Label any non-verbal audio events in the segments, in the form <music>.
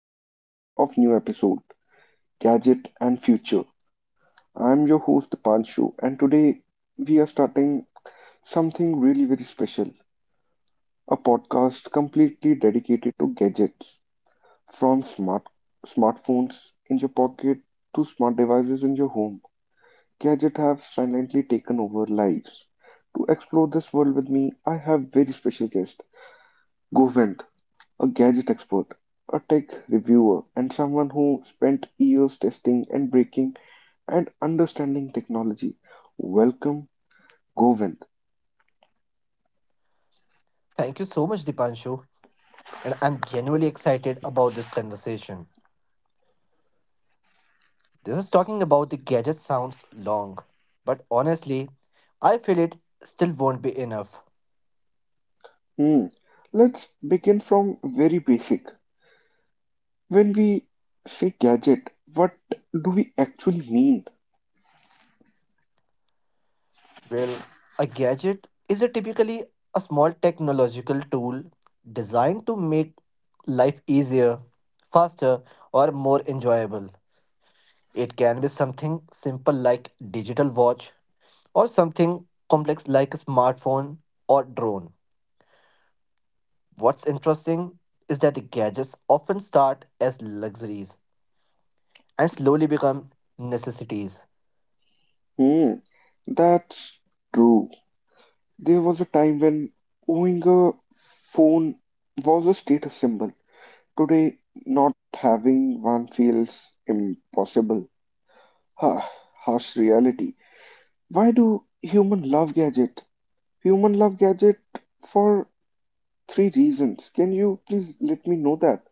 to Brands of new episode Gadget and Future. I'm your host Pancho and today we are starting something really very special, a podcast completely dedicated to gadgets from smartphones in your pocket to smart devices in your home. Gadgets have silently taken over lives. To explore this world with me, I have very special guest Govind, a gadget expert, a tech reviewer, and someone who spent years testing and breaking and understanding technology. Welcome, Govind. Thank you so much, Dipanshu. And I'm genuinely excited about this conversation. This is talking about the gadget sounds long, but honestly, I feel it still won't be enough. Hmm. Let's begin from very basic. When we say gadget, what do we actually mean? Well, a gadget is a typically a small technological tool designed to make life easier, faster, or more enjoyable. It can be something simple like digital watch or something complex like a smartphone or drone. What's interesting is that the gadgets often start as luxuries and slowly become necessities. Hmm. That's true. There was a time when owning a phone was a status symbol. Today, not having one feels impossible. Ah, harsh reality. Why do human love gadget? Human love gadget for three reasons. Can you please let me know that?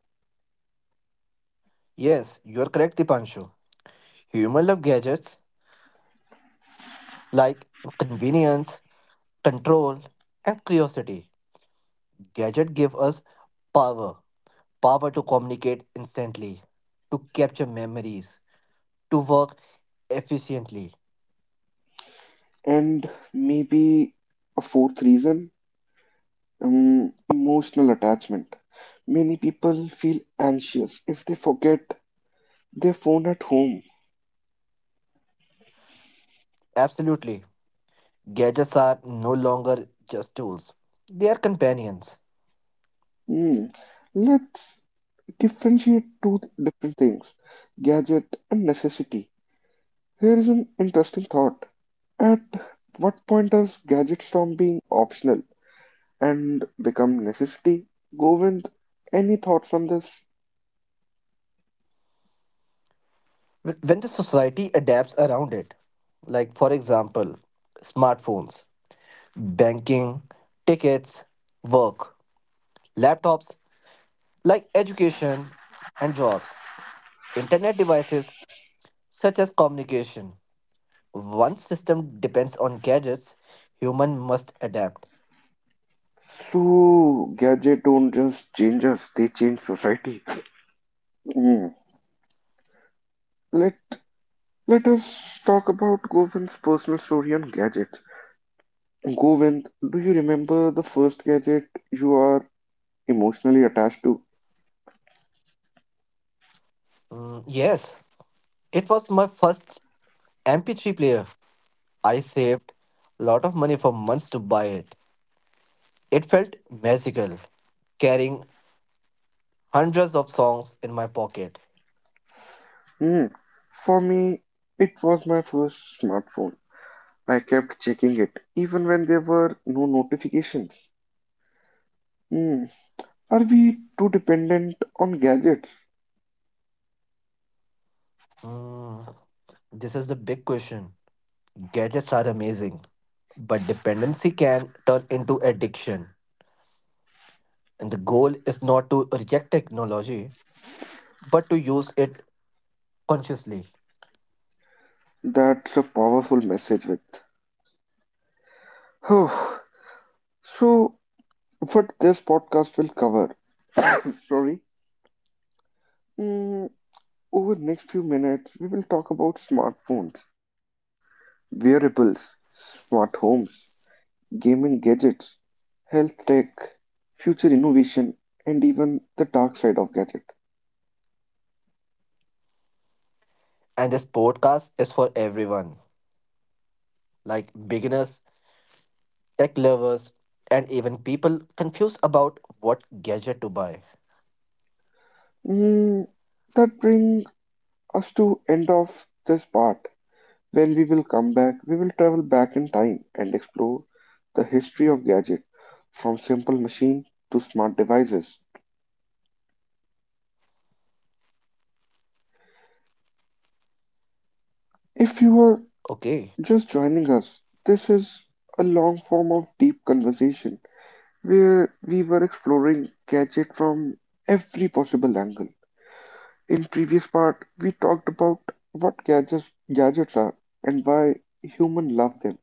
Yes, you're correct, Dipanshu. Humans love gadgets like convenience, control, and curiosity. Gadgets give us power, power to communicate instantly, to capture memories, to work efficiently. And maybe a fourth reason, emotional attachment. Many people feel anxious if they forget their phone at home. Absolutely, gadgets are no longer just tools. They are companions. Hmm. Let's differentiate two different things, gadget and necessity. Here is an interesting thought. At what point does gadgets from being optional and become necessity? Govind, any thoughts on this? When the society adapts around it, like for example, smartphones, banking, tickets, work, laptops, like education and jobs, internet devices such as communication. Once system depends on gadgets, human must adapt. So, gadget don't just change us, they change society. Hmm. Let let us talk about Govind's personal story on gadgets. Govind, do you remember the first gadget you are emotionally attached to? Yes, it was my first MP3 player. I saved a lot of money for months to buy it. It felt magical carrying hundreds of songs in my pocket. Hmm. For me, it was my first smartphone. I kept checking it, even when there were no notifications. Hmm, are we too dependent on gadgets? Mm, this is the big question. Gadgets are amazing, but dependency can turn into addiction. And the goal is not to reject technology, but to use it consciously. That's a powerful message, with. Oh, so, what this podcast will cover, <coughs> sorry, mm, over the next few minutes, we will talk about smartphones, wearables, smart homes, gaming gadgets, health tech, future innovation, and even the dark side of gadget. And this podcast is for everyone, like beginners, tech lovers, and even people confused about what gadget to buy. Mm, that brings us to end off this part. When we will come back, we will travel back in time and explore the history of gadget from simple machine to smart devices. If you are Okay. just joining us, this is a long form of deep conversation where we were exploring gadget from every possible angle. In previous part, we talked about what gadgets are and why human love them.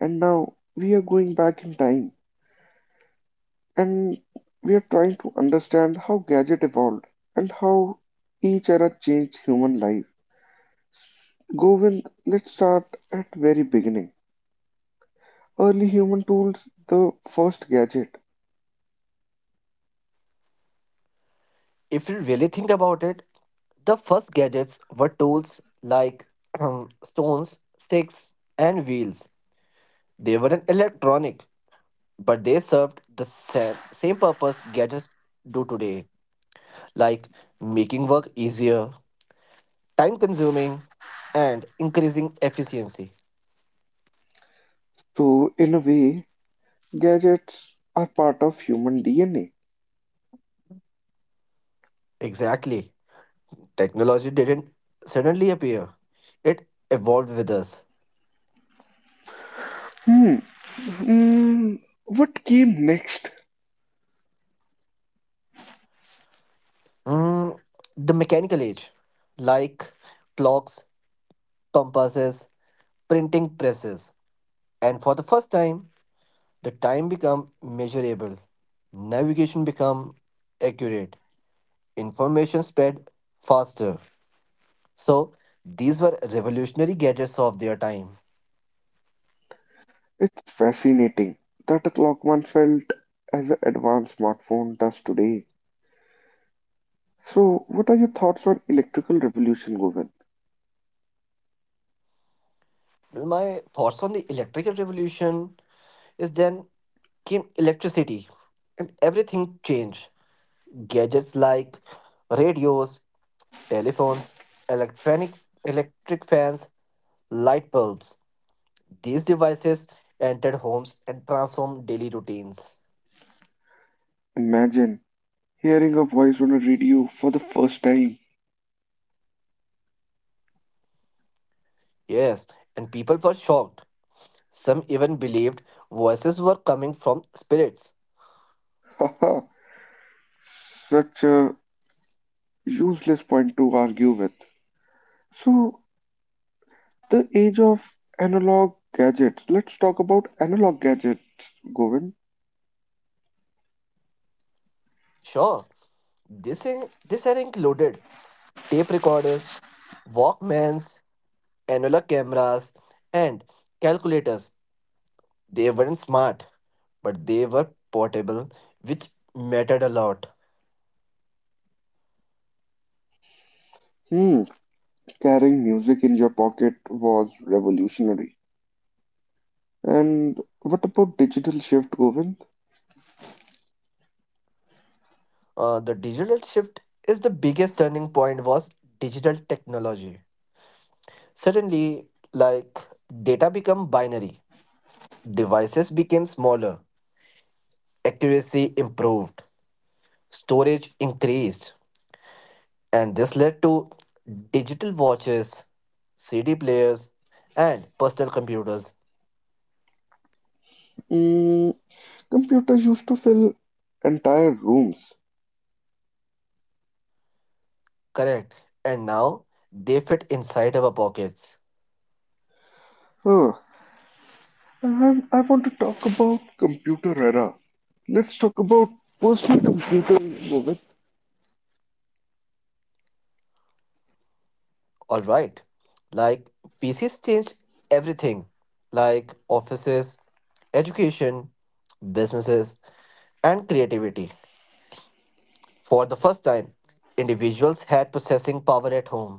And now we are going back in time and we are trying to understand how gadget evolved and how each era changed human life. Govind, let's start at very beginning. Early human tools, the first gadget. If you really think about it, the first gadgets were tools like <clears throat> stones, sticks, and wheels. They weren't electronic, but they served the same purpose gadgets do today, like making work easier, time consuming, and increasing efficiency. So in a way, gadgets are part of human DNA. Exactly. Technology didn't suddenly appear, it evolved with us. Hmm. Hmm. What came next? Mm, the mechanical age, like clocks, compasses, printing presses, and for the first time, the time become measurable. Navigation become accurate. Information spread faster. So these were revolutionary gadgets of their time. It's fascinating that a clock once felt as an advanced smartphone does today. So, what are your thoughts on electrical revolution, Govind? Well, my thoughts on the electrical revolution is then came electricity, and everything changed. Gadgets like radios, telephones, electronic electric fans, light bulbs. These devices entered homes and transformed daily routines. Imagine hearing a voice on a radio for the first time. Yes, and people were shocked. Some even believed voices were coming from spirits. Haha, such a useless point to argue with. So, the age of analog gadgets. Let's talk about analog gadgets, Govind. Sure, this, this had included tape recorders, Walkmans, analog cameras, and calculators. They weren't smart, but they were portable, which mattered a lot. Hmm, carrying music in your pocket was revolutionary. And what about digital shift, Govind? The digital shift is the biggest turning point was digital technology. Suddenly, like data become binary, devices became smaller, accuracy improved, storage increased, and this led to digital watches, CD players, and personal computers. Mm, computers used to fill entire rooms. Correct. And now they fit inside our pockets. Huh, and I want to talk about computer era. Let's talk about personal computer, Vivek. All right. Like PCs changed everything, like offices, education, businesses, and creativity. For the first time, individuals had processing power at home.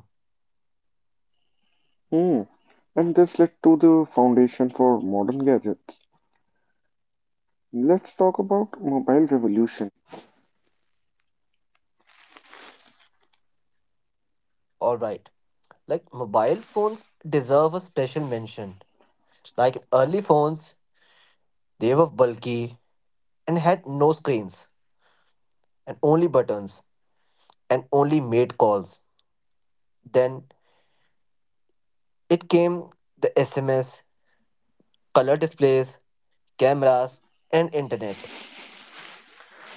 Hmm. And this led to the foundation for modern gadgets. Let's talk about mobile revolution. Alright, like mobile phones deserve a special mention. Like early phones, they were bulky and had no screens and only buttons and only made calls. Then it came the SMS, color displays, cameras, and internet.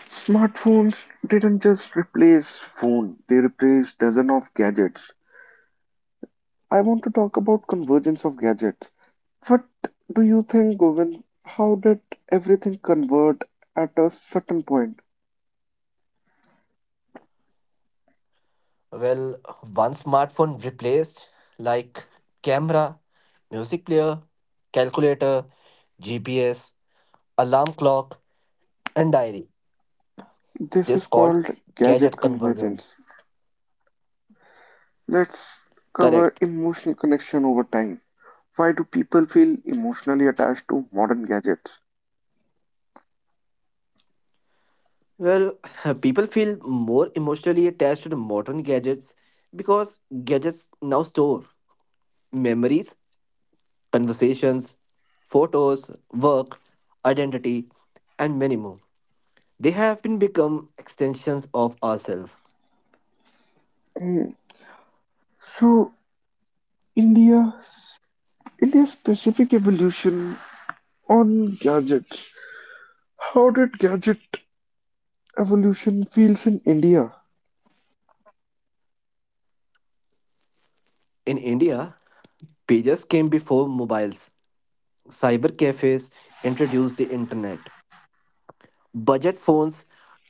Smartphones didn't just replace phone, they replaced dozens of gadgets. I want to talk about convergence of gadgets. What do you think, Govind? How did everything convert at a certain point? Well, one smartphone replaced like camera, music player, calculator, GPS, alarm clock, and diary. This This is called called gadget gadget convergence. convergence. Let's cover Correct. emotional connection over time. Why do people feel emotionally attached to modern gadgets? Well, <laughs> people feel more emotionally attached to the modern gadgets because gadgets now store memories, conversations, photos, work, identity, and many more. They have been become extensions of ourselves. Hmm. So, India, India's specific evolution on gadgets. How did gadget evolution feels in India? In India, pages came before mobiles. Cyber cafes introduced the internet. Budget phones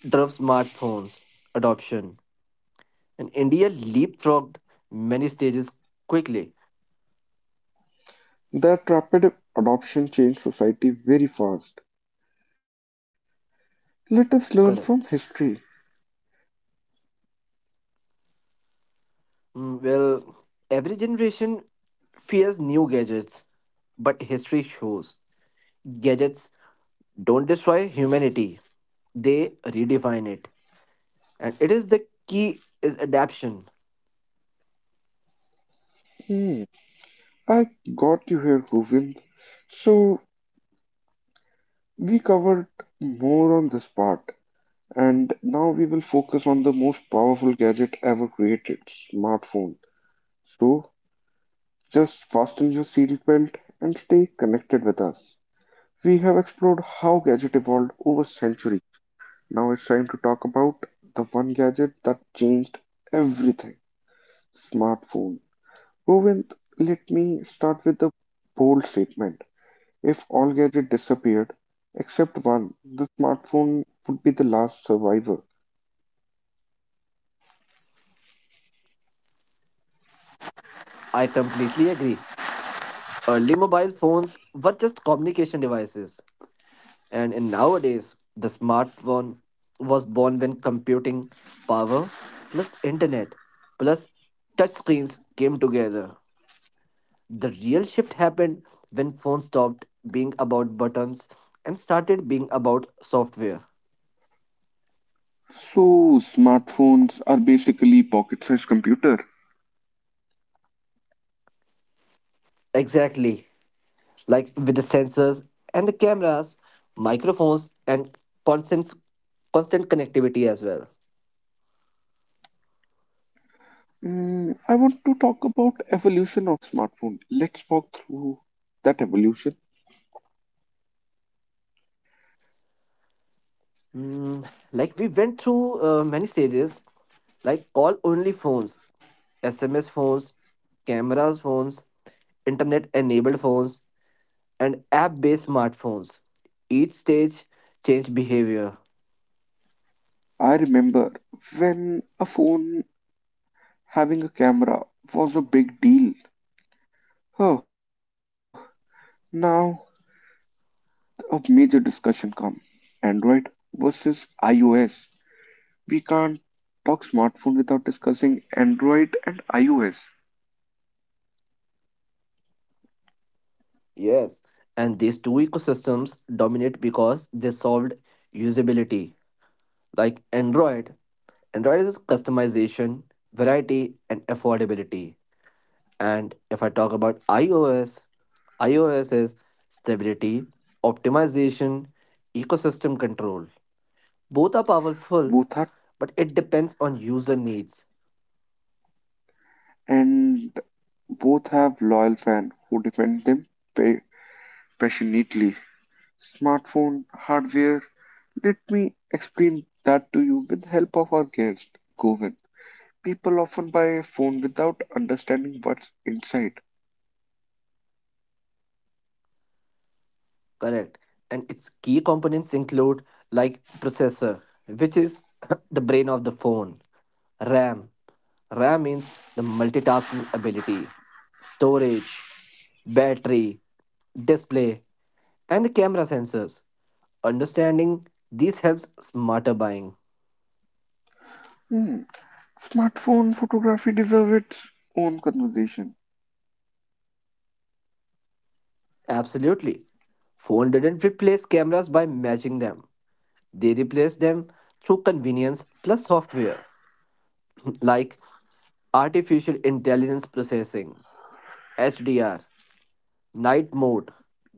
drove smartphones adoption, and India leapfrogged many stages quickly. That rapid adoption changed society very fast. Let us learn from Correct. history. Well, every generation fears new gadgets, but history shows gadgets don't destroy humanity, they redefine it. And it is the key is adaptation. Hmm, I got you here, Govind. So, we covered more on this part. And now we will focus on the most powerful gadget ever created, smartphone. So just fasten your seatbelt and stay connected with us. We have explored how gadget evolved over centuries. Now it's time to talk about the one gadget that changed everything, smartphone. Govind, let me start with a bold statement. If all gadgets disappeared except one, the smartphone would be the last survivor. I completely agree. Early mobile phones were just communication devices. And in nowadays, the smartphone was born when computing power plus internet plus touchscreens came together. The real shift happened when phones stopped being about buttons and started being about software. So, smartphones are basically pocket-sized computer. Exactly. Like with the sensors and the cameras, microphones, and constant, constant connectivity as well. Mm, I want to talk about evolution of smartphone. Let's walk through that evolution. Mm, like we went through many stages, like call only phones, SMS phones, cameras phones, internet enabled phones, and app based smartphones. Each stage changed behavior. I remember when a phone having a camera was a big deal. Oh, now a major discussion come. Android versus iOS. We can't talk smartphone without discussing Android and iOS. Yes. And these two ecosystems dominate because they solved usability. Like Android is customization, variety, and affordability. And if I talk about iOS, iOS is stability, optimization, ecosystem control. Both are powerful, Both are but it depends on user needs. and both have loyal fans who defend them pa- passionately. Smartphone hardware. Let me explain that to you with the help of our guest, Govind. People often buy a phone without understanding what's inside. Correct. And its key components include like processor, which is <laughs> <clears throat> the brain of the phone, ram. Ram means the multitasking ability, storage, battery, display, and the camera sensors. Understanding these helps smarter buying. Hmm. Smartphone photography deserves its own conversation. Absolutely, phone didn't replace cameras by matching them, they replaced them through convenience plus software like artificial intelligence processing, HDR, night mode.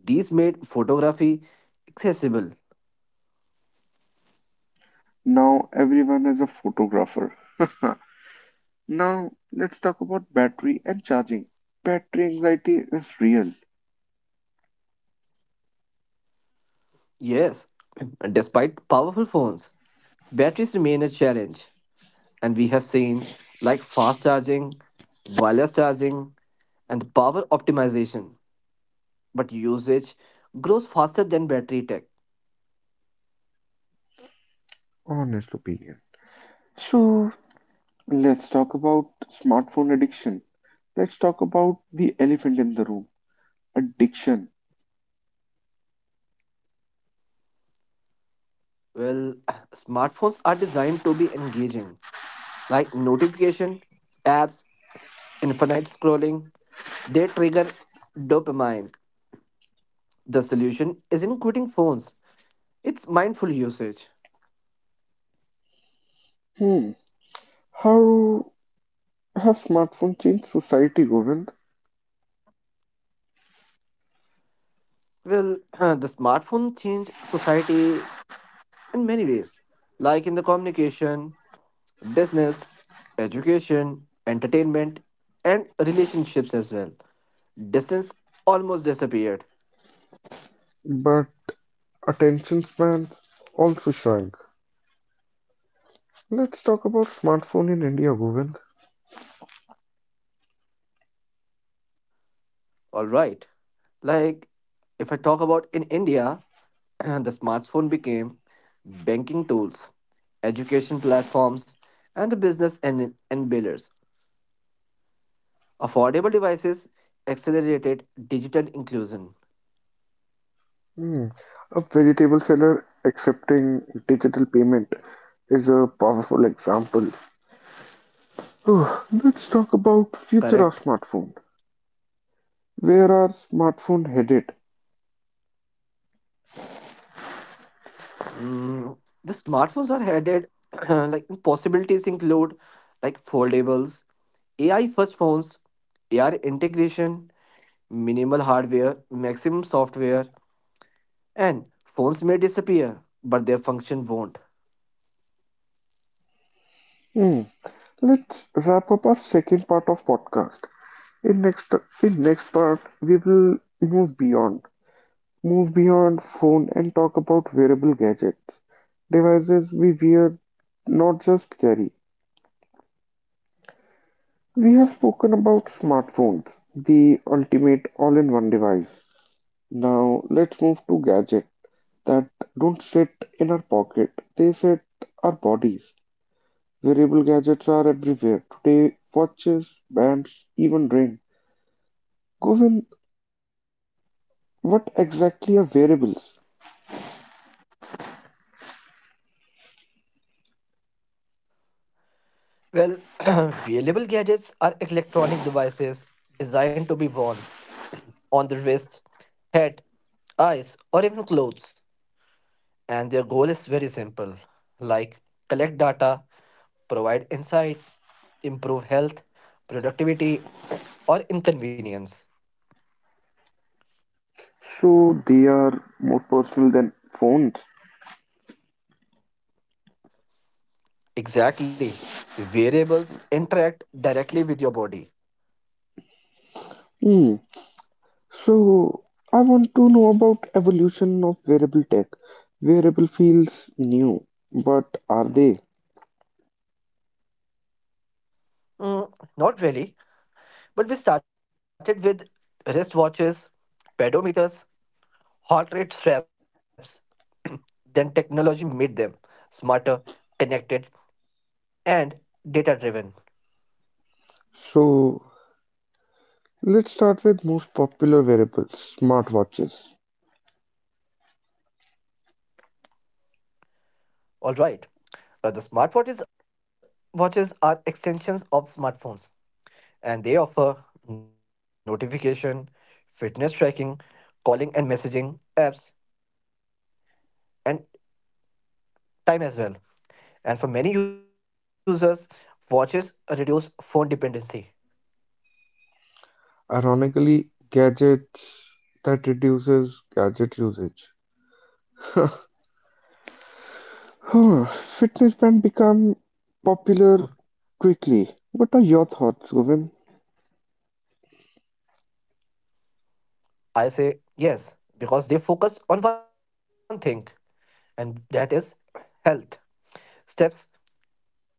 These made photography accessible. Now everyone is a photographer. <laughs> Now let's talk about battery and charging. Battery anxiety is real. Yes, <clears throat> despite powerful phones, batteries remain a challenge, and we have seen like fast charging, wireless charging, and power optimization. But usage grows faster than battery tech. Honest opinion. So let's talk about smartphone addiction. Let's talk about the elephant in the room, addiction. Well, <clears throat> smartphones are designed to be engaging, like notification, apps, infinite scrolling, they trigger dopamine. The solution isn't quitting phones, it's mindful usage. Hmm. How has smartphone changed society, Govind? Well, <clears throat> the smartphone changed society in many ways, like in the communication, business, education, entertainment, and relationships as well. Distance almost disappeared. But attention spans also shrank. Let's talk about smartphone in India, Govind. All right. Like, if I talk about in India, <clears throat> the smartphone became banking tools, education platforms, and the business enablers. Affordable devices accelerated digital inclusion. Hmm. A vegetable seller accepting digital payment is a powerful example. Oh, let's talk about future of Correct. smartphone. Where are smartphone headed? Mm, the smartphones are headed <clears throat> like possibilities include like foldables, AI first phones, AR integration, minimal hardware, maximum software, and phones may disappear, but their function won't. Hmm. Let's wrap up our second part of podcast. In next in next part we will move beyond phone and talk about wearable gadgets, devices we wear, not just carry. We have spoken about smartphones, the ultimate all-in-one device. Now let's move to gadgets that don't sit in our pocket, they sit our bodies. Wearable gadgets are everywhere today, watches, bands, even rings. Govin, what exactly are variables? Well, <clears throat> wearable gadgets are electronic devices designed to be worn <clears throat> on the wrist, head, eyes, or even clothes. And their goal is very simple like collect data, provide insights, improve health, productivity, <clears throat> or inconvenience. So they are more personal than phones. Exactly. Variables interact directly with your body. Hmm. So I want to know about evolution of wearable tech. Wearable feels new, but are they? Not really. But we started with wristwatches, pedometers, heart rate straps. <clears throat> Then technology made them smarter, connected, and data driven. So let's start with most popular wearables, smartwatches. All right. The smartwatches watches are extensions of smartphones and they offer notification, fitness tracking, calling and messaging apps and time as well. And for many users, watches reduce phone dependency. Ironically, gadgets that reduces gadget usage. <laughs> Huh, fitness band become popular quickly. What are your thoughts, Govind? I say yes, because they focus on one thing, and that is health. Steps,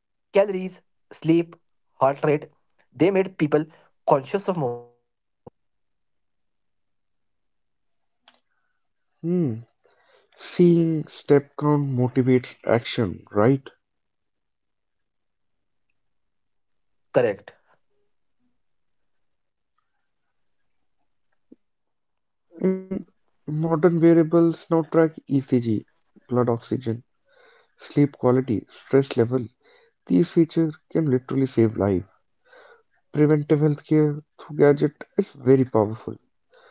calories, sleep, heart rate. They made people conscious of movement. Hmm. Seeing step count motivates action, right? Correct. In modern variables now track ECG, blood oxygen, sleep quality, stress level. These features can literally save life. Preventive healthcare through gadget is very powerful.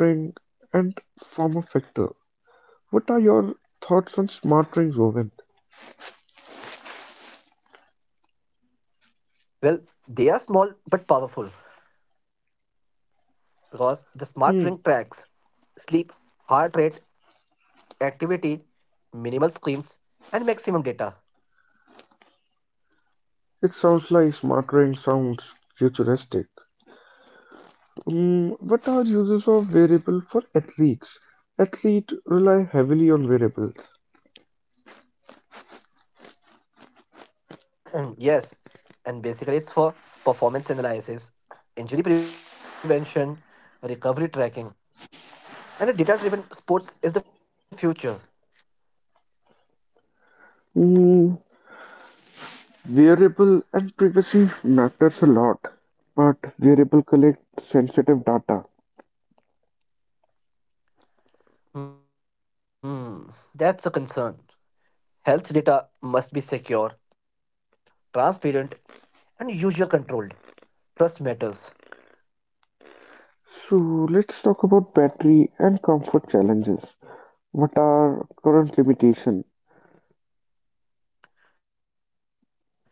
Smart ring and form of factor. What are your thoughts on smart rings, Govind? Well, they are small but powerful because the smart ring tracks Hmm. sleep, heart rate, activity, minimal screens, and maximum data. It sounds like smart ring sounds futuristic. Mm, what are uses of variable for athletes? Athlete rely heavily on variables. <clears throat> Yes, and basically it's for performance analysis, injury prevention, recovery tracking, and a data driven sports is the future. Mm, variable and privacy matters a lot, but variable collect sensitive data. Hmm, that's a concern. Health data must be secure, transparent, and user controlled. Trust matters. So let's talk about battery and comfort challenges. What are current limitation?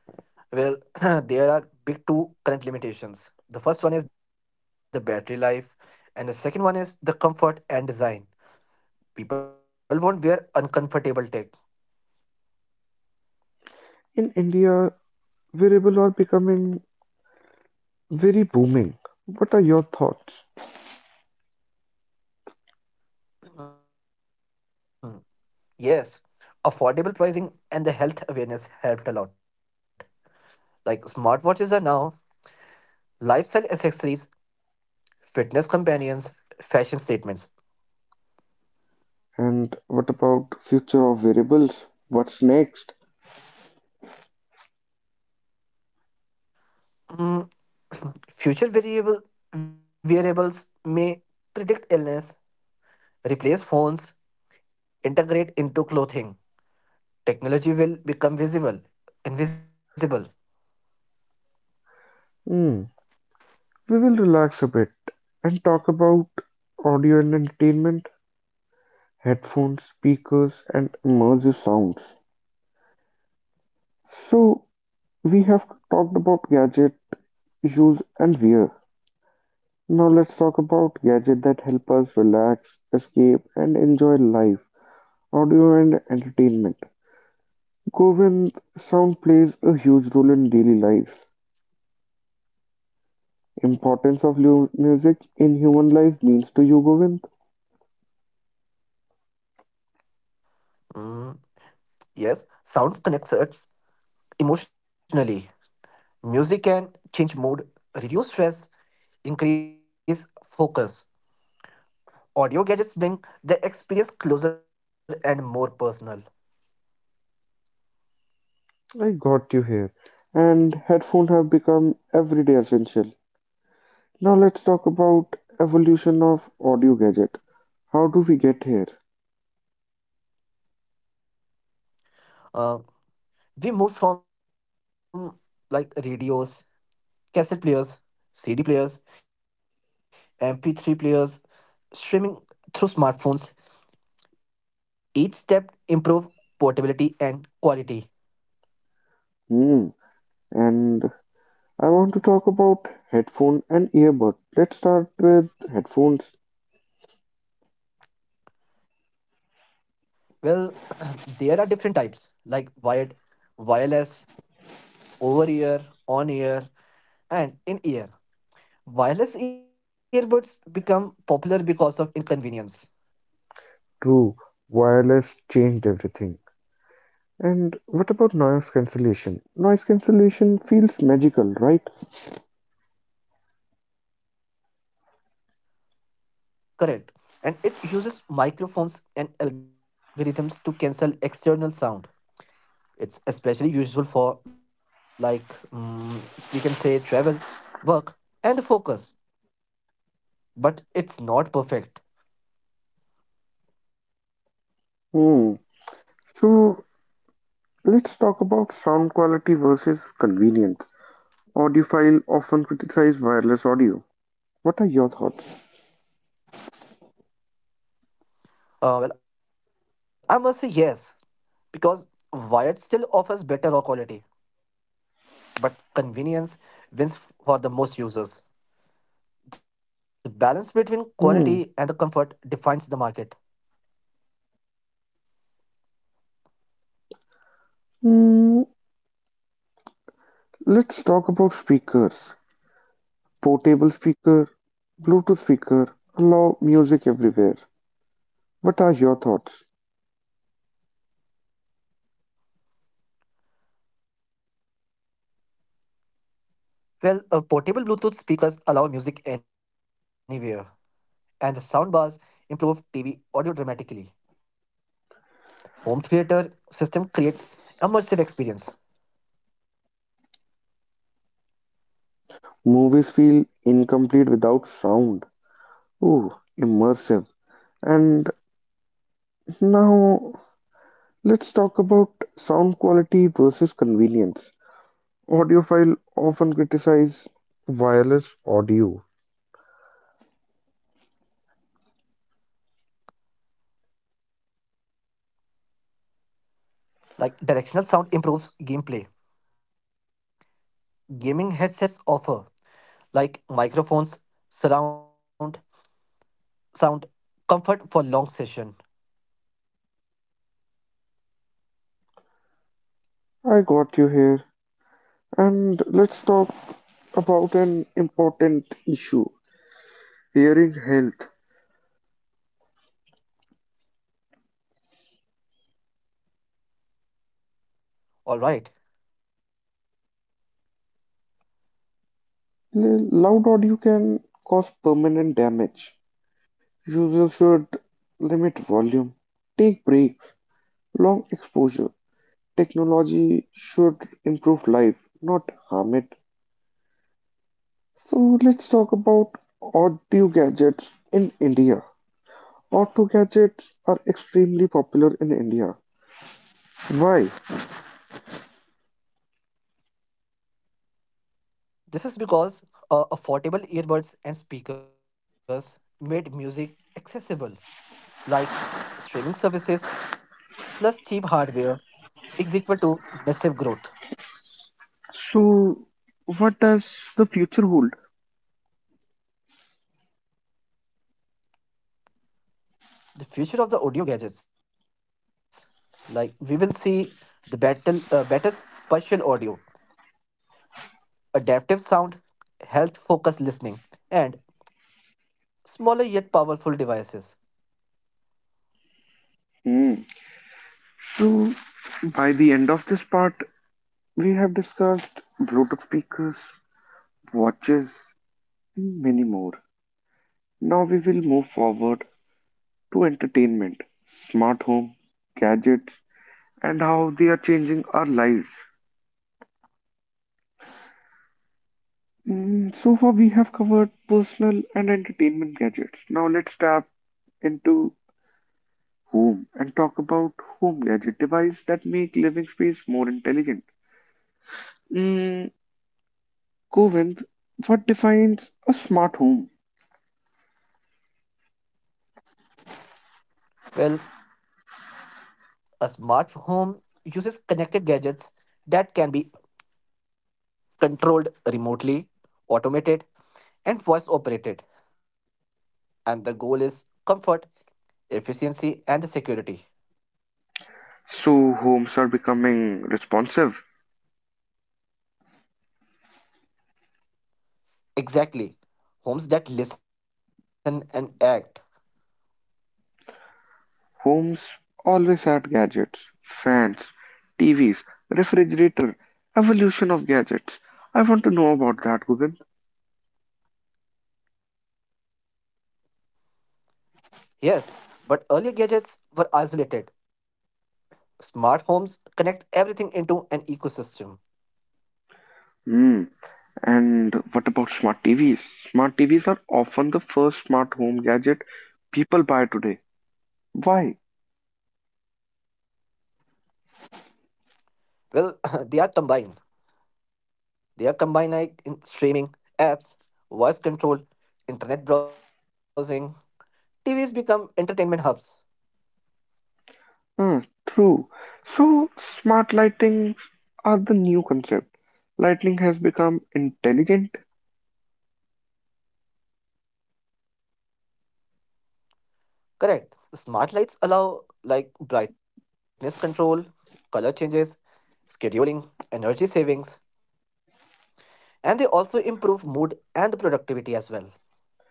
Well, <clears throat> there are big two current limitations. The first one is the battery life, and the second one is the comfort and design. People won't wear uncomfortable tech. In India, variable are becoming very booming. What are your thoughts? <clears throat> Yes, affordable pricing and the health awareness helped a lot. Like smartwatches are now lifestyle accessories, fitness companions, fashion statements. And what about future of variables? What's next? Mm, <clears throat> future variables may predict illness, replace phones, integrate into clothing. Technology will become visible, invisible. Hmm. We will relax a bit and talk about audio and entertainment, headphones, speakers, and immersive sounds. So, we have talked about gadget use and wear. Now, let's talk about gadget that help us relax, escape, and enjoy life. Audio and entertainment. Govind, sound plays a huge role in daily life. Importance of music in human life means to you, Govind? Mm, yes, sounds connects us emotionally. Music can change mood, reduce stress, increase focus. Audio gadgets bring the experience closer and more personal. I got you here. And headphones have become everyday essential. Now let's talk about evolution of audio gadget. How do we get here? Uh, we moved from like radios, cassette players, CD players, MP3 players, streaming through smartphones. Each step improve portability and quality. Hmm. And I want to talk about headphone and earbud. Let's start with headphones. Well, <clears throat> there are different types like wired, wireless, over ear, on ear, and in ear. Wireless earbuds become popular because of inconvenience. True. Wireless changed everything. And what about noise cancellation? Noise cancellation feels magical, right? Correct. And it uses microphones and algorithms to cancel external sound. It's especially useful for, like, we can say travel, work, and focus. But it's not perfect. Hmm. So let's talk about sound quality versus convenience. Audiophile often criticize wireless audio. What are your thoughts? Well, I must say yes, because wired still offers better raw quality, but convenience wins for the most users. The balance between quality and the Hmm. comfort defines the market. Hmm. Let's talk about speakers. Portable speaker, Bluetooth speaker allow music everywhere. What are your thoughts? Well, portable Bluetooth speakers allow music anywhere, and the soundbars improve TV audio dramatically. Home theater system create immersive experience. Movies feel incomplete without sound. Ooh, immersive. And now let's talk about sound quality versus convenience. Audiophile often criticize wireless audio. Like directional sound improves gameplay. Gaming headsets offer like microphones, surround sound, comfort for long session. I got you here. And let's talk about an important issue hearing health. All right. Loud audio can cause permanent damage. Users should limit volume, take breaks, long exposure. Technology should improve life, not harm it. So let's talk about audio gadgets in India. Auto gadgets are extremely popular in India. Why? This is because affordable earbuds and speakers made music accessible like streaming services plus cheap hardware is equal to massive growth. So, what does the future hold? The future of the audio gadgets, like we will see the better spatial audio, adaptive sound, health focused listening, and smaller yet powerful devices. Hmm. So, by the end of this part, we have discussed Bluetooth speakers, watches, and many more. Now we will move forward to entertainment, smart home, gadgets, and how they are changing our lives. Mm, so far, we have covered personal and entertainment gadgets. Now let's tap into home and talk about home gadget devices that make living space more intelligent. Mm, Govind, what defines a smart home? Well, a smart home uses connected gadgets that can be controlled remotely, automated, and voice operated. And the goal is comfort efficiency and security. So homes are becoming responsive. Exactly. Homes that listen and act. Homes always had gadgets, fans, TVs, refrigerator, evolution of gadgets. I want to know about that, Google. Yes, but earlier gadgets were isolated. Smart homes connect everything into an ecosystem. Hmm. And what about smart TVs? Smart TVs are often the first smart home gadget people buy today. Why? Well, <laughs> they are combined. they are combined like in streaming, apps, voice control, internet browsing. TVs become entertainment hubs. Hmm, true. So smart lightings are the new concept. Lighting has become intelligent. Correct. Smart lights allow like brightness control, color changes, scheduling, energy savings and they also improve mood and the productivity as well.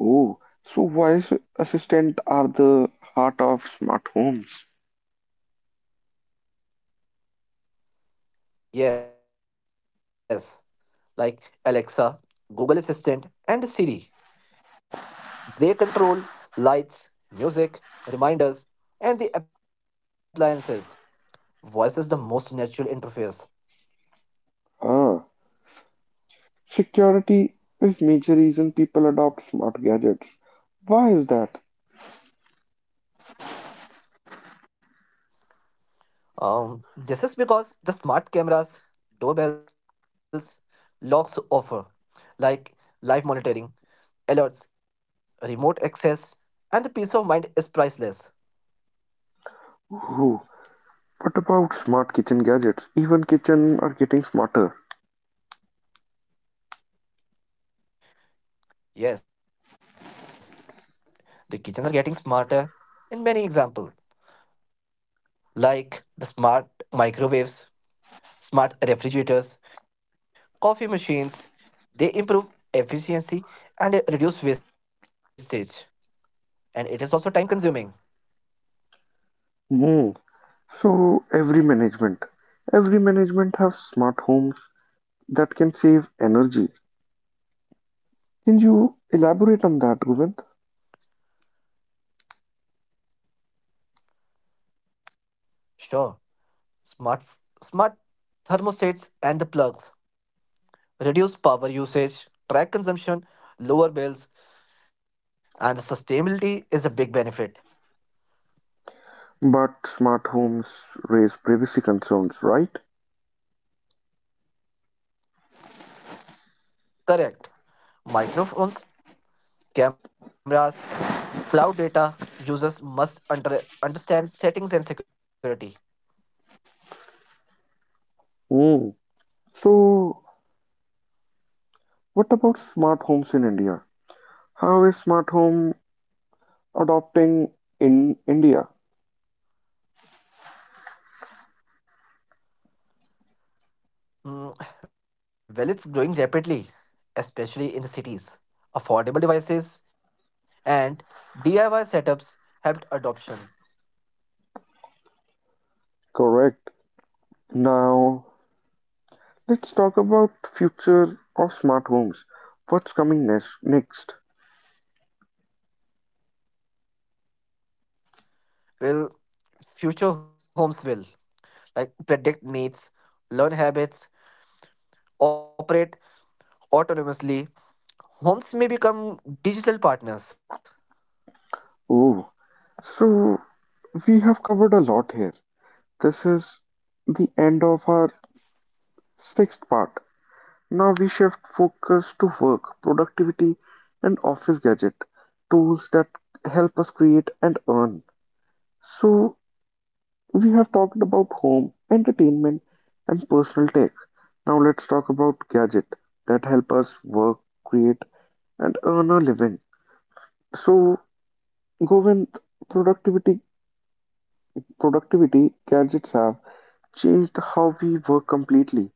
Oh, so voice assistant are the heart of smart homes. Yes, like Alexa, Google Assistant, and Siri. They control lights, music, reminders, and the appliances. Voice is the most natural interface. Ah, security is major reason people adopt smart gadgets. Why is that? This is because the smart cameras, doorbells, locks offer like live monitoring, alerts, remote access, and the peace of mind is priceless. Ooh, what about smart kitchen gadgets? Even kitchen are getting smarter. Yes, the kitchens are getting smarter in many examples, like the smart microwaves, smart refrigerators, coffee machines. They improve efficiency and reduce wastage. And it is also time consuming. Hmm. So every management has smart homes that can save energy. Can you elaborate on that, Govind? Sure, smart smart thermostats and the plugs reduce power usage, track consumption, lower bills, and the sustainability is a big benefit. But smart homes raise privacy concerns, right? Correct. Microphones, cameras, cloud data users must understand settings and security. Hmm. So. What about smart homes in India? How is smart home adopting in India? Mm, well, it's growing rapidly, especially in the cities. Affordable devices and DIY setups helped adoption. Correct. Now, let's talk about future of smart homes. What's coming next? Next. Will future homes will like predict needs, learn habits, operate autonomously. Homes may become digital partners. Ooh. So, we have covered a lot here. This is the end of our sixth part. Now we shift focus to work, productivity, and office gadget tools that help us create and earn. So, we have talked about home, entertainment, and personal tech. Now let's talk about gadgets that help us work, create, and earn a living. So, Govind, productivity productivity gadgets have changed how we work completely.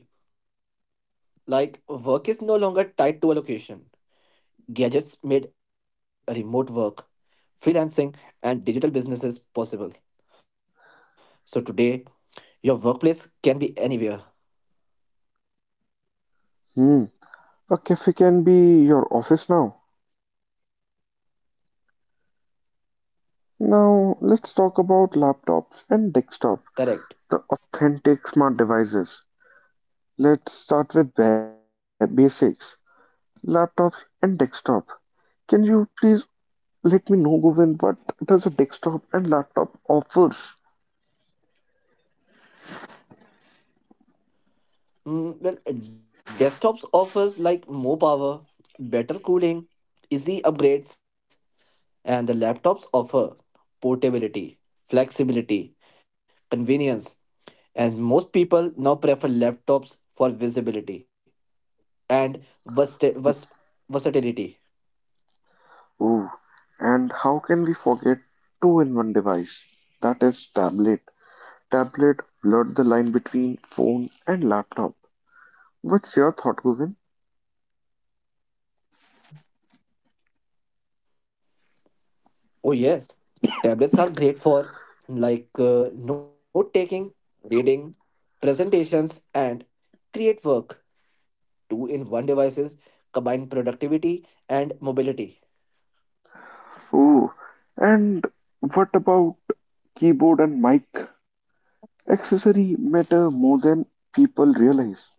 Absolutely. Like work is no longer tied to a location. Gadgets made remote work freelancing, and digital businesses possible. So today, your workplace can be anywhere. Hmm. A cafe can be your office now. Now, let's talk about laptops and desktop, Correct. the authentic smart devices. Let's start with basics. Laptops and desktop. Can you please let me know, Govind, what does a desktop and laptop offers? Well, desktops offers like more power, better cooling, easy upgrades, and the laptops offer portability, flexibility, convenience, and most people now prefer laptops for visibility and versatility. Ooh, and how can we forget two-in-one device? That is tablet. Tablet blurred the line between phone and laptop. What's your thought, Govind? Oh, yes. Tablets are great for like note taking, reading, presentations, and create work. Two in one devices combine productivity and mobility. Ooh, and what about keyboard and mic? Accessory matter more than people realize.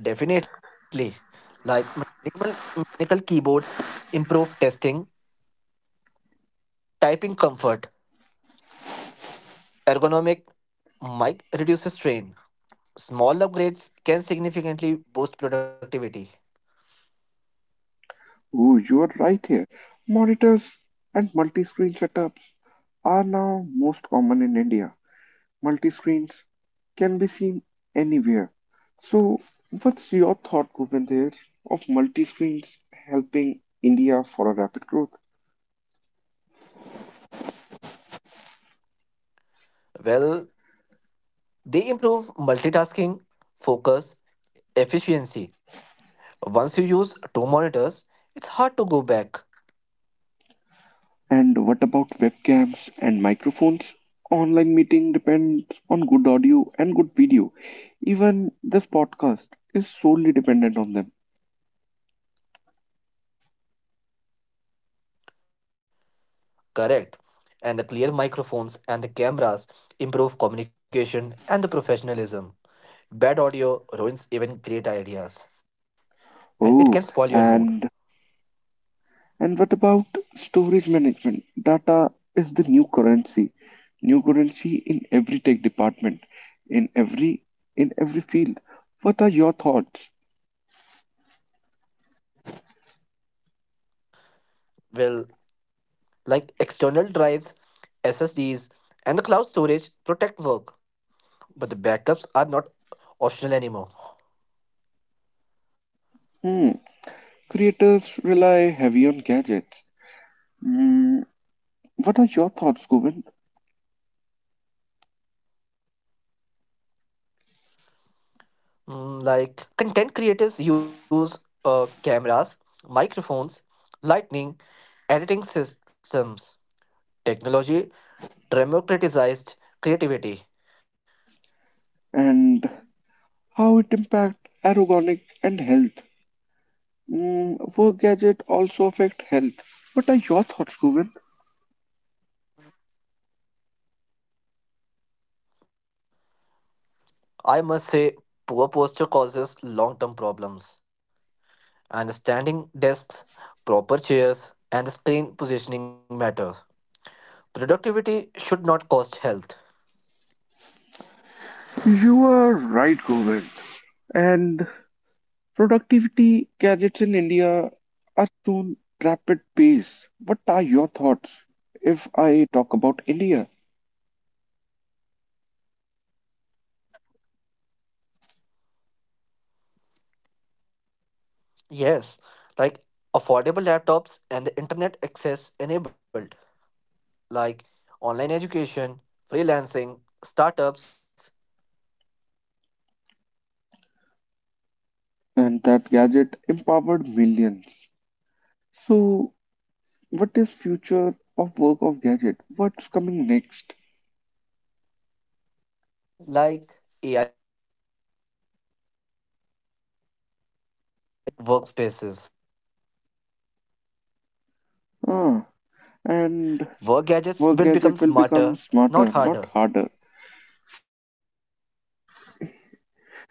Definitely. Like mechanical keyboards improve testing, typing comfort, ergonomic mic reduces strain. Small upgrades can significantly boost productivity. Oh, you are right here. Monitors and multi-screen setups are now most common in India. Multi-screens can be seen anywhere. So, what's your thought, Bhupender, of multi-screens helping India for a rapid growth? Well, they improve multitasking, focus, efficiency. Once you use two monitors, it's hard to go back. And what about webcams and microphones? Online meeting depends on good audio and good video. Even this podcast is solely dependent on them. Correct. And the clear microphones and the cameras improve communication and the professionalism. Bad audio ruins even great ideas and it can spoil Oh, your mood. and what about storage management? Data is the new currency in every tech department, in every in every field. What are your thoughts? Well, like external drives, SSDs, and the cloud storage protect work, but the backups are not optional anymore. Hmm. Creators rely heavy on gadgets. Hmm. What are your thoughts, Govind? Like content creators use cameras, microphones, lighting, editing systems. Technology democratized creativity. And how it impact ergonomic and health? Hmm. Work gadget also affect health. What are your thoughts, Govind? I must say, poor posture causes long term problems, and standing desks, proper chairs, and screen positioning matter. Productivity should not cost health. You are right, Govind. And productivity gadgets in India are soon rapid pace. What are your thoughts if I talk about India Yes, like affordable laptops and internet access enabled, like online education, freelancing, startups, and the gadgets empowered millions. and that gadget empowered millions? So, what is future of work of gadget? What's coming next? Like AI power tools, voice computing, and immersive Ah, workspaces. Work and gadgets will become work gadget smarter, will become not harder. smarter, not harder. So,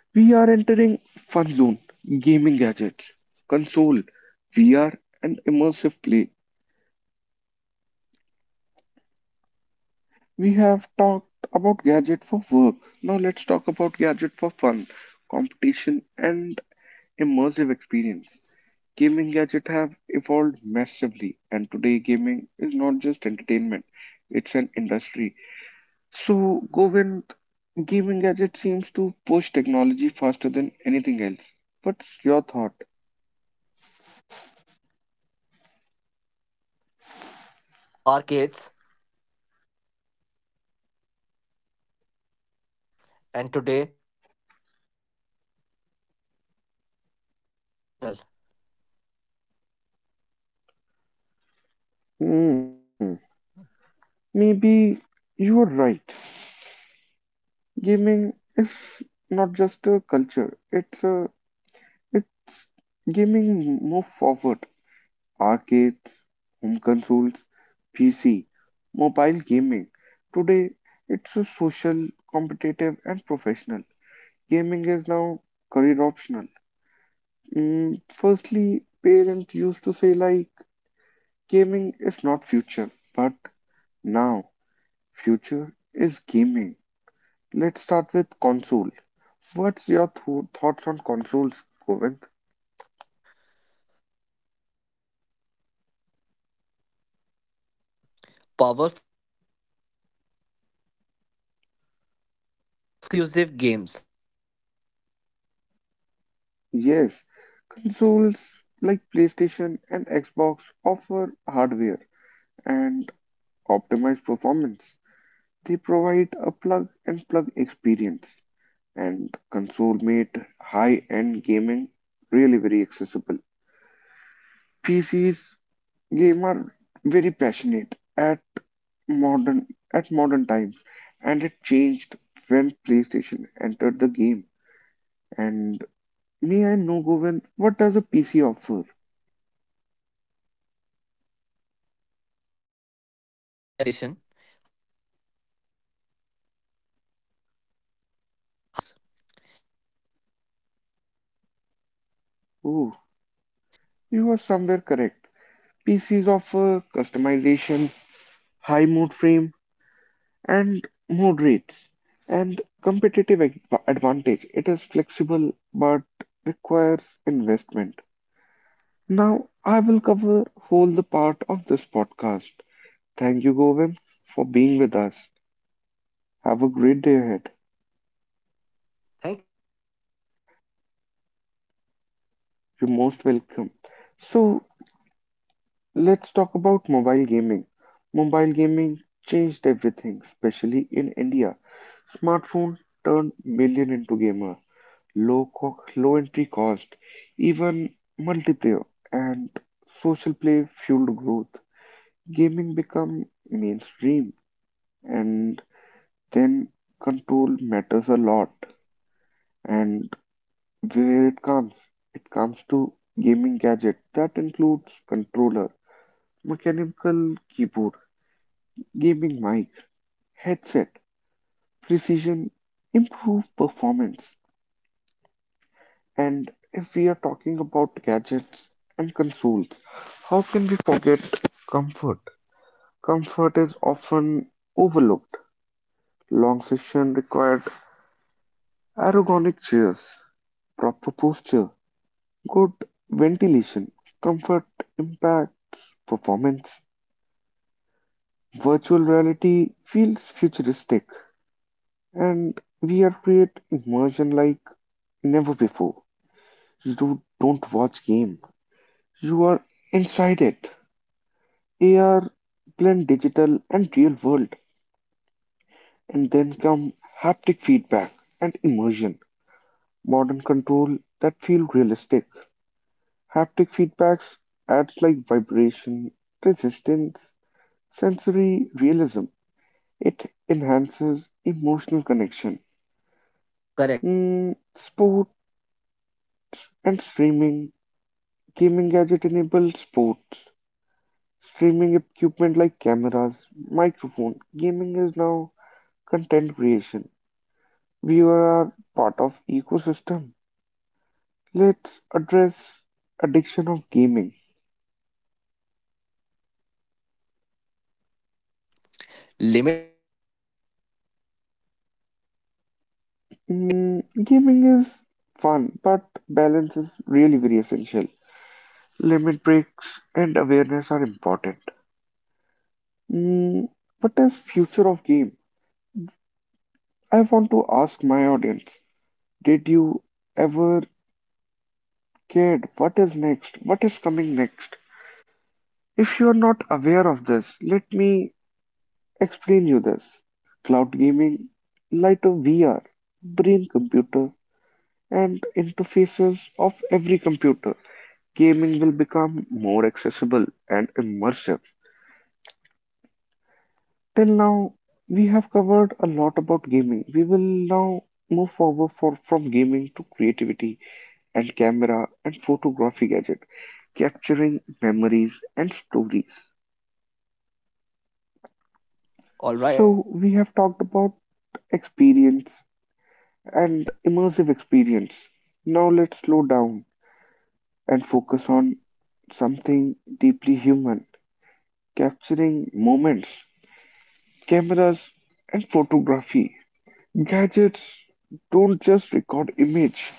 we are entering fun zone, Correct. gaming gadgets, console, VR, and immersive play. We have talked about gadget for work. Now let's talk about gadget for fun, competition, and immersive experience. Gaming gadgets have evolved massively, and today gaming is not just entertainment, it's an industry. So, Govind, gaming gadget seems to push technology faster than anything else. What's your thought? Absolutely. Gaming moved from arcades, home consoles, PCs, mobile gaming. And today, it's social, competitive, and professional. Hmm, maybe you are right. Gaming is not just a culture, it's a It's gaming moved forward. Arcades, home consoles, PC, mobile gaming. Today, it's a social, competitive, and professional. Gaming is now career optional. Firstly, parents used to say like gaming is not future, but now future is gaming. Let's start with console. What's your thoughts on consoles, Govind? Consoles like PlayStation and Xbox offer powerful hardware, optimized performance, exclusive games. Yes, They consoles provide like a plug PlayStation and and play Xbox experience, offer hardware and optimized performance. They provide a plug and plug experience, and console made high end gaming really very accessible. PCs game are very passionate modern at modern times and it changed when PlayStation entered the game. And may I know Govind, what does a PC offer? customization, high frame rates, modes, competitive advantages. It's Ooh, flexible but you are requires somewhere correct. investment. Pieces of customization, high mode frame, and mode rates, and competitive advantage. It is flexible but requires investment. Now, I will cover whole the part of this podcast. Thank you, Govind, for being with us. Have a great day ahead. Thank you so much, You're Dipanshu. most welcome. So, let's talk about mobile gaming. Mobile gaming changed everything, especially in India. Smartphone turned million into gamer. Low entry cost, even multiplayer and social play fueled growth. Gaming become mainstream, and then control matters a lot. And where it comes to gaming Yes, gadget that includes controller, mechanical keyboard, gaming mic, headset, precision, improved performance. And if we are talking about gadgets and consoles, how can we forget comfort? Comfort is often overlooked. Long session required ergonomic chairs, proper posture, good ventilation. Comfort impacts performance. Virtual reality feels futuristic, and we are create immersion like never before. You do, don't watch game. You are inside it. AR blend digital and real world, and then come haptic feedback and immersion. Modern control that feel realistic. Haptic feedbacks adds like vibration, resistance, sensory realism. It enhances emotional connection. Sport and correct. streaming. Gaming gadget enables sports, streaming equipment like cameras, microphone. Gaming is now content creation. We are part of ecosystem. Let's address addiction of gaming. Gaming is a fun, but balance is essential. Limit breaks and awareness Gaming are is important. fun, but balance is really very essential. Limit breaks and awareness are important. Mm, what is future of game? I want to ask my audience, did you ever kid, what is next? What is coming next? If you are not aware of this, let me explain you this. Cloud gaming, light of VR, brain computer, and interfaces of every computer. Gaming will become more accessible and immersive. Till now, we have covered a lot about gaming. We will now move from gaming to creativity and camera and photography gadget, capturing memories and stories. So, we have talked about All right. experience and immersive experience. Now, let's slow down and focus on something deeply human capturing moments, cameras, and photography. Gadgets don't just record image,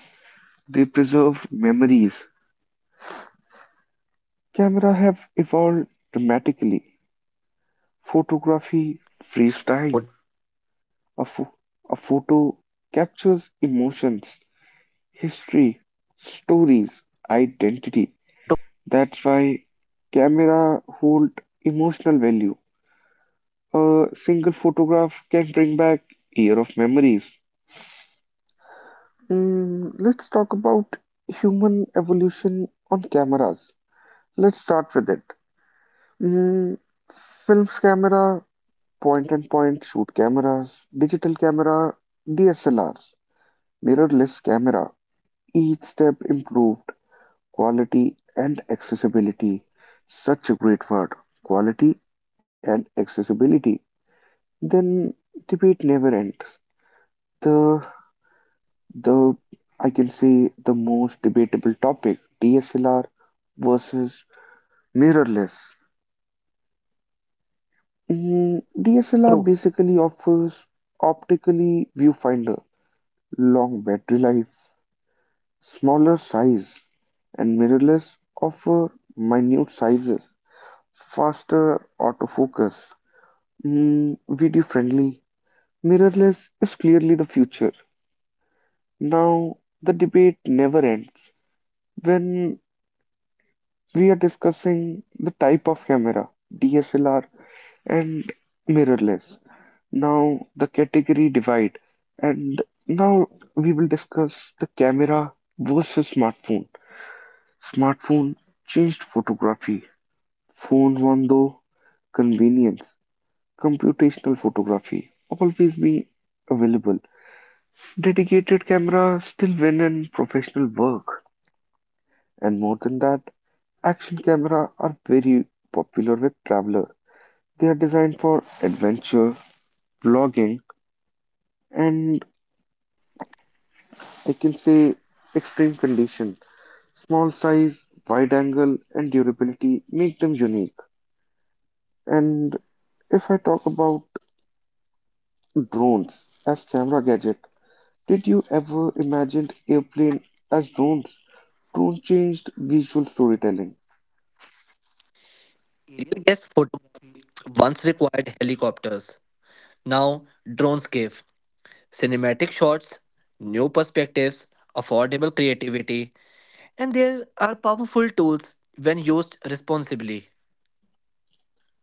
they preserve memories. Camera have evolved dramatically. Photography frees time. A, pho- a photo Photography, captures emotions, history, stories, identity. That's why camera hold emotional value. A single photograph can bring back year of memories. Let's talk about human evolution on cameras. Let's start with it. Mm, Films camera, point and point shoot cameras, digital camera, DSLRs, mirrorless camera. Each step improved quality and accessibility. Such a great word, quality and accessibility. Then debate never ends. The correct. the I can say the most debatable topic, DSLR versus mirrorless. DSLR basically offers True. optically viewfinder, long battery life, smaller size, and mirrorless offer minute sizes, faster autofocus, video friendly. Mirrorless is clearly the future. Now, the debate never ends. When we are discussing the type of camera, DSLR and mirrorless. Now, the category divide, and now we will discuss the camera versus smartphone. Smartphone changed photography. Phone won though convenience, computational photography, always be available. Dedicated camera still win in professional work. And more than that, action camera are very popular with traveler. They are designed for adventure, vlogging, and I can say extreme condition. Small size, wide angle, and durability make them unique. And if I talk about drones as camera gadget, did you ever imagine airplane as drones? Drone changed visual storytelling. Aerial gas photography once required helicopters. Now drones give cinematic shots, new perspectives, affordable creativity, and there are powerful tools when used responsibly.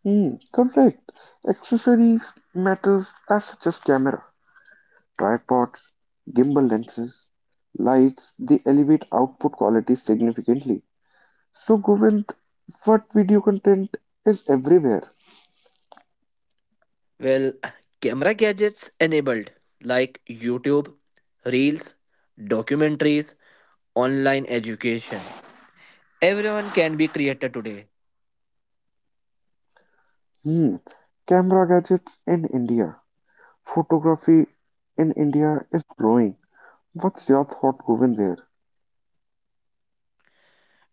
Hmm, correct. Accessories matters as such as camera, tripods, gimbal lenses, lights, they elevate output quality significantly. So Govind, what video content is everywhere? Well, camera gadgets enabled like YouTube, Reels, documentaries, online education. Everyone can be creator today. Hmm, camera gadgets in India. Photography in India is growing. What's your thought, Govind there?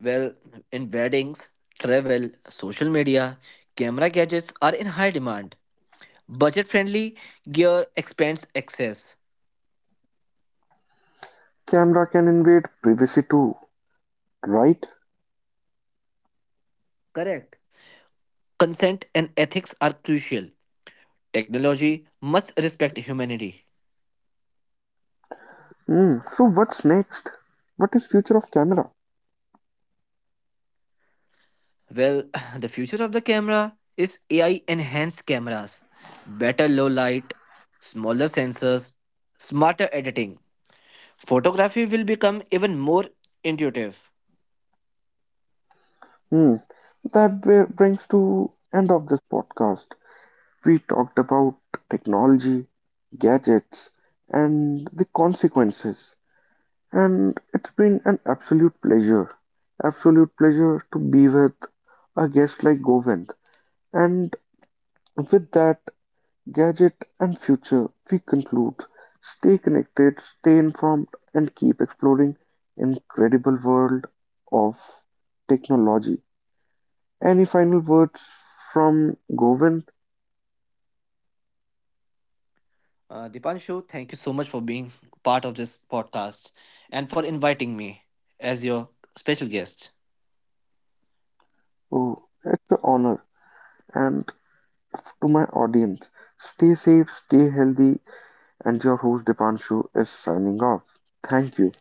Well, in weddings, travel, social media, camera gadgets are in high demand. Budget friendly gear expands access. Camera can invade privacy too, right? Correct. Consent and ethics are crucial. Technology must respect humanity. Hmm, so what's next? What is future of camera? Well, <sighs> the future of the camera is AI enhanced cameras, better low light, smaller sensors, smarter editing. Photography will become even more intuitive. Hmm. That brings to end of this podcast. We talked about technology, gadgets, and the consequences. And it's been an absolute pleasure to be with a guest like Govind. And with that, gadget and future, we conclude. Stay connected, stay informed, and keep exploring incredible world of technology. Any final words from Govind? Dipanshu, thank you so much for being part of this podcast and for inviting me as your special guest. Oh, it's an honor. And to my audience, stay safe, stay healthy, and your host Dipanshu is signing off. Thank you.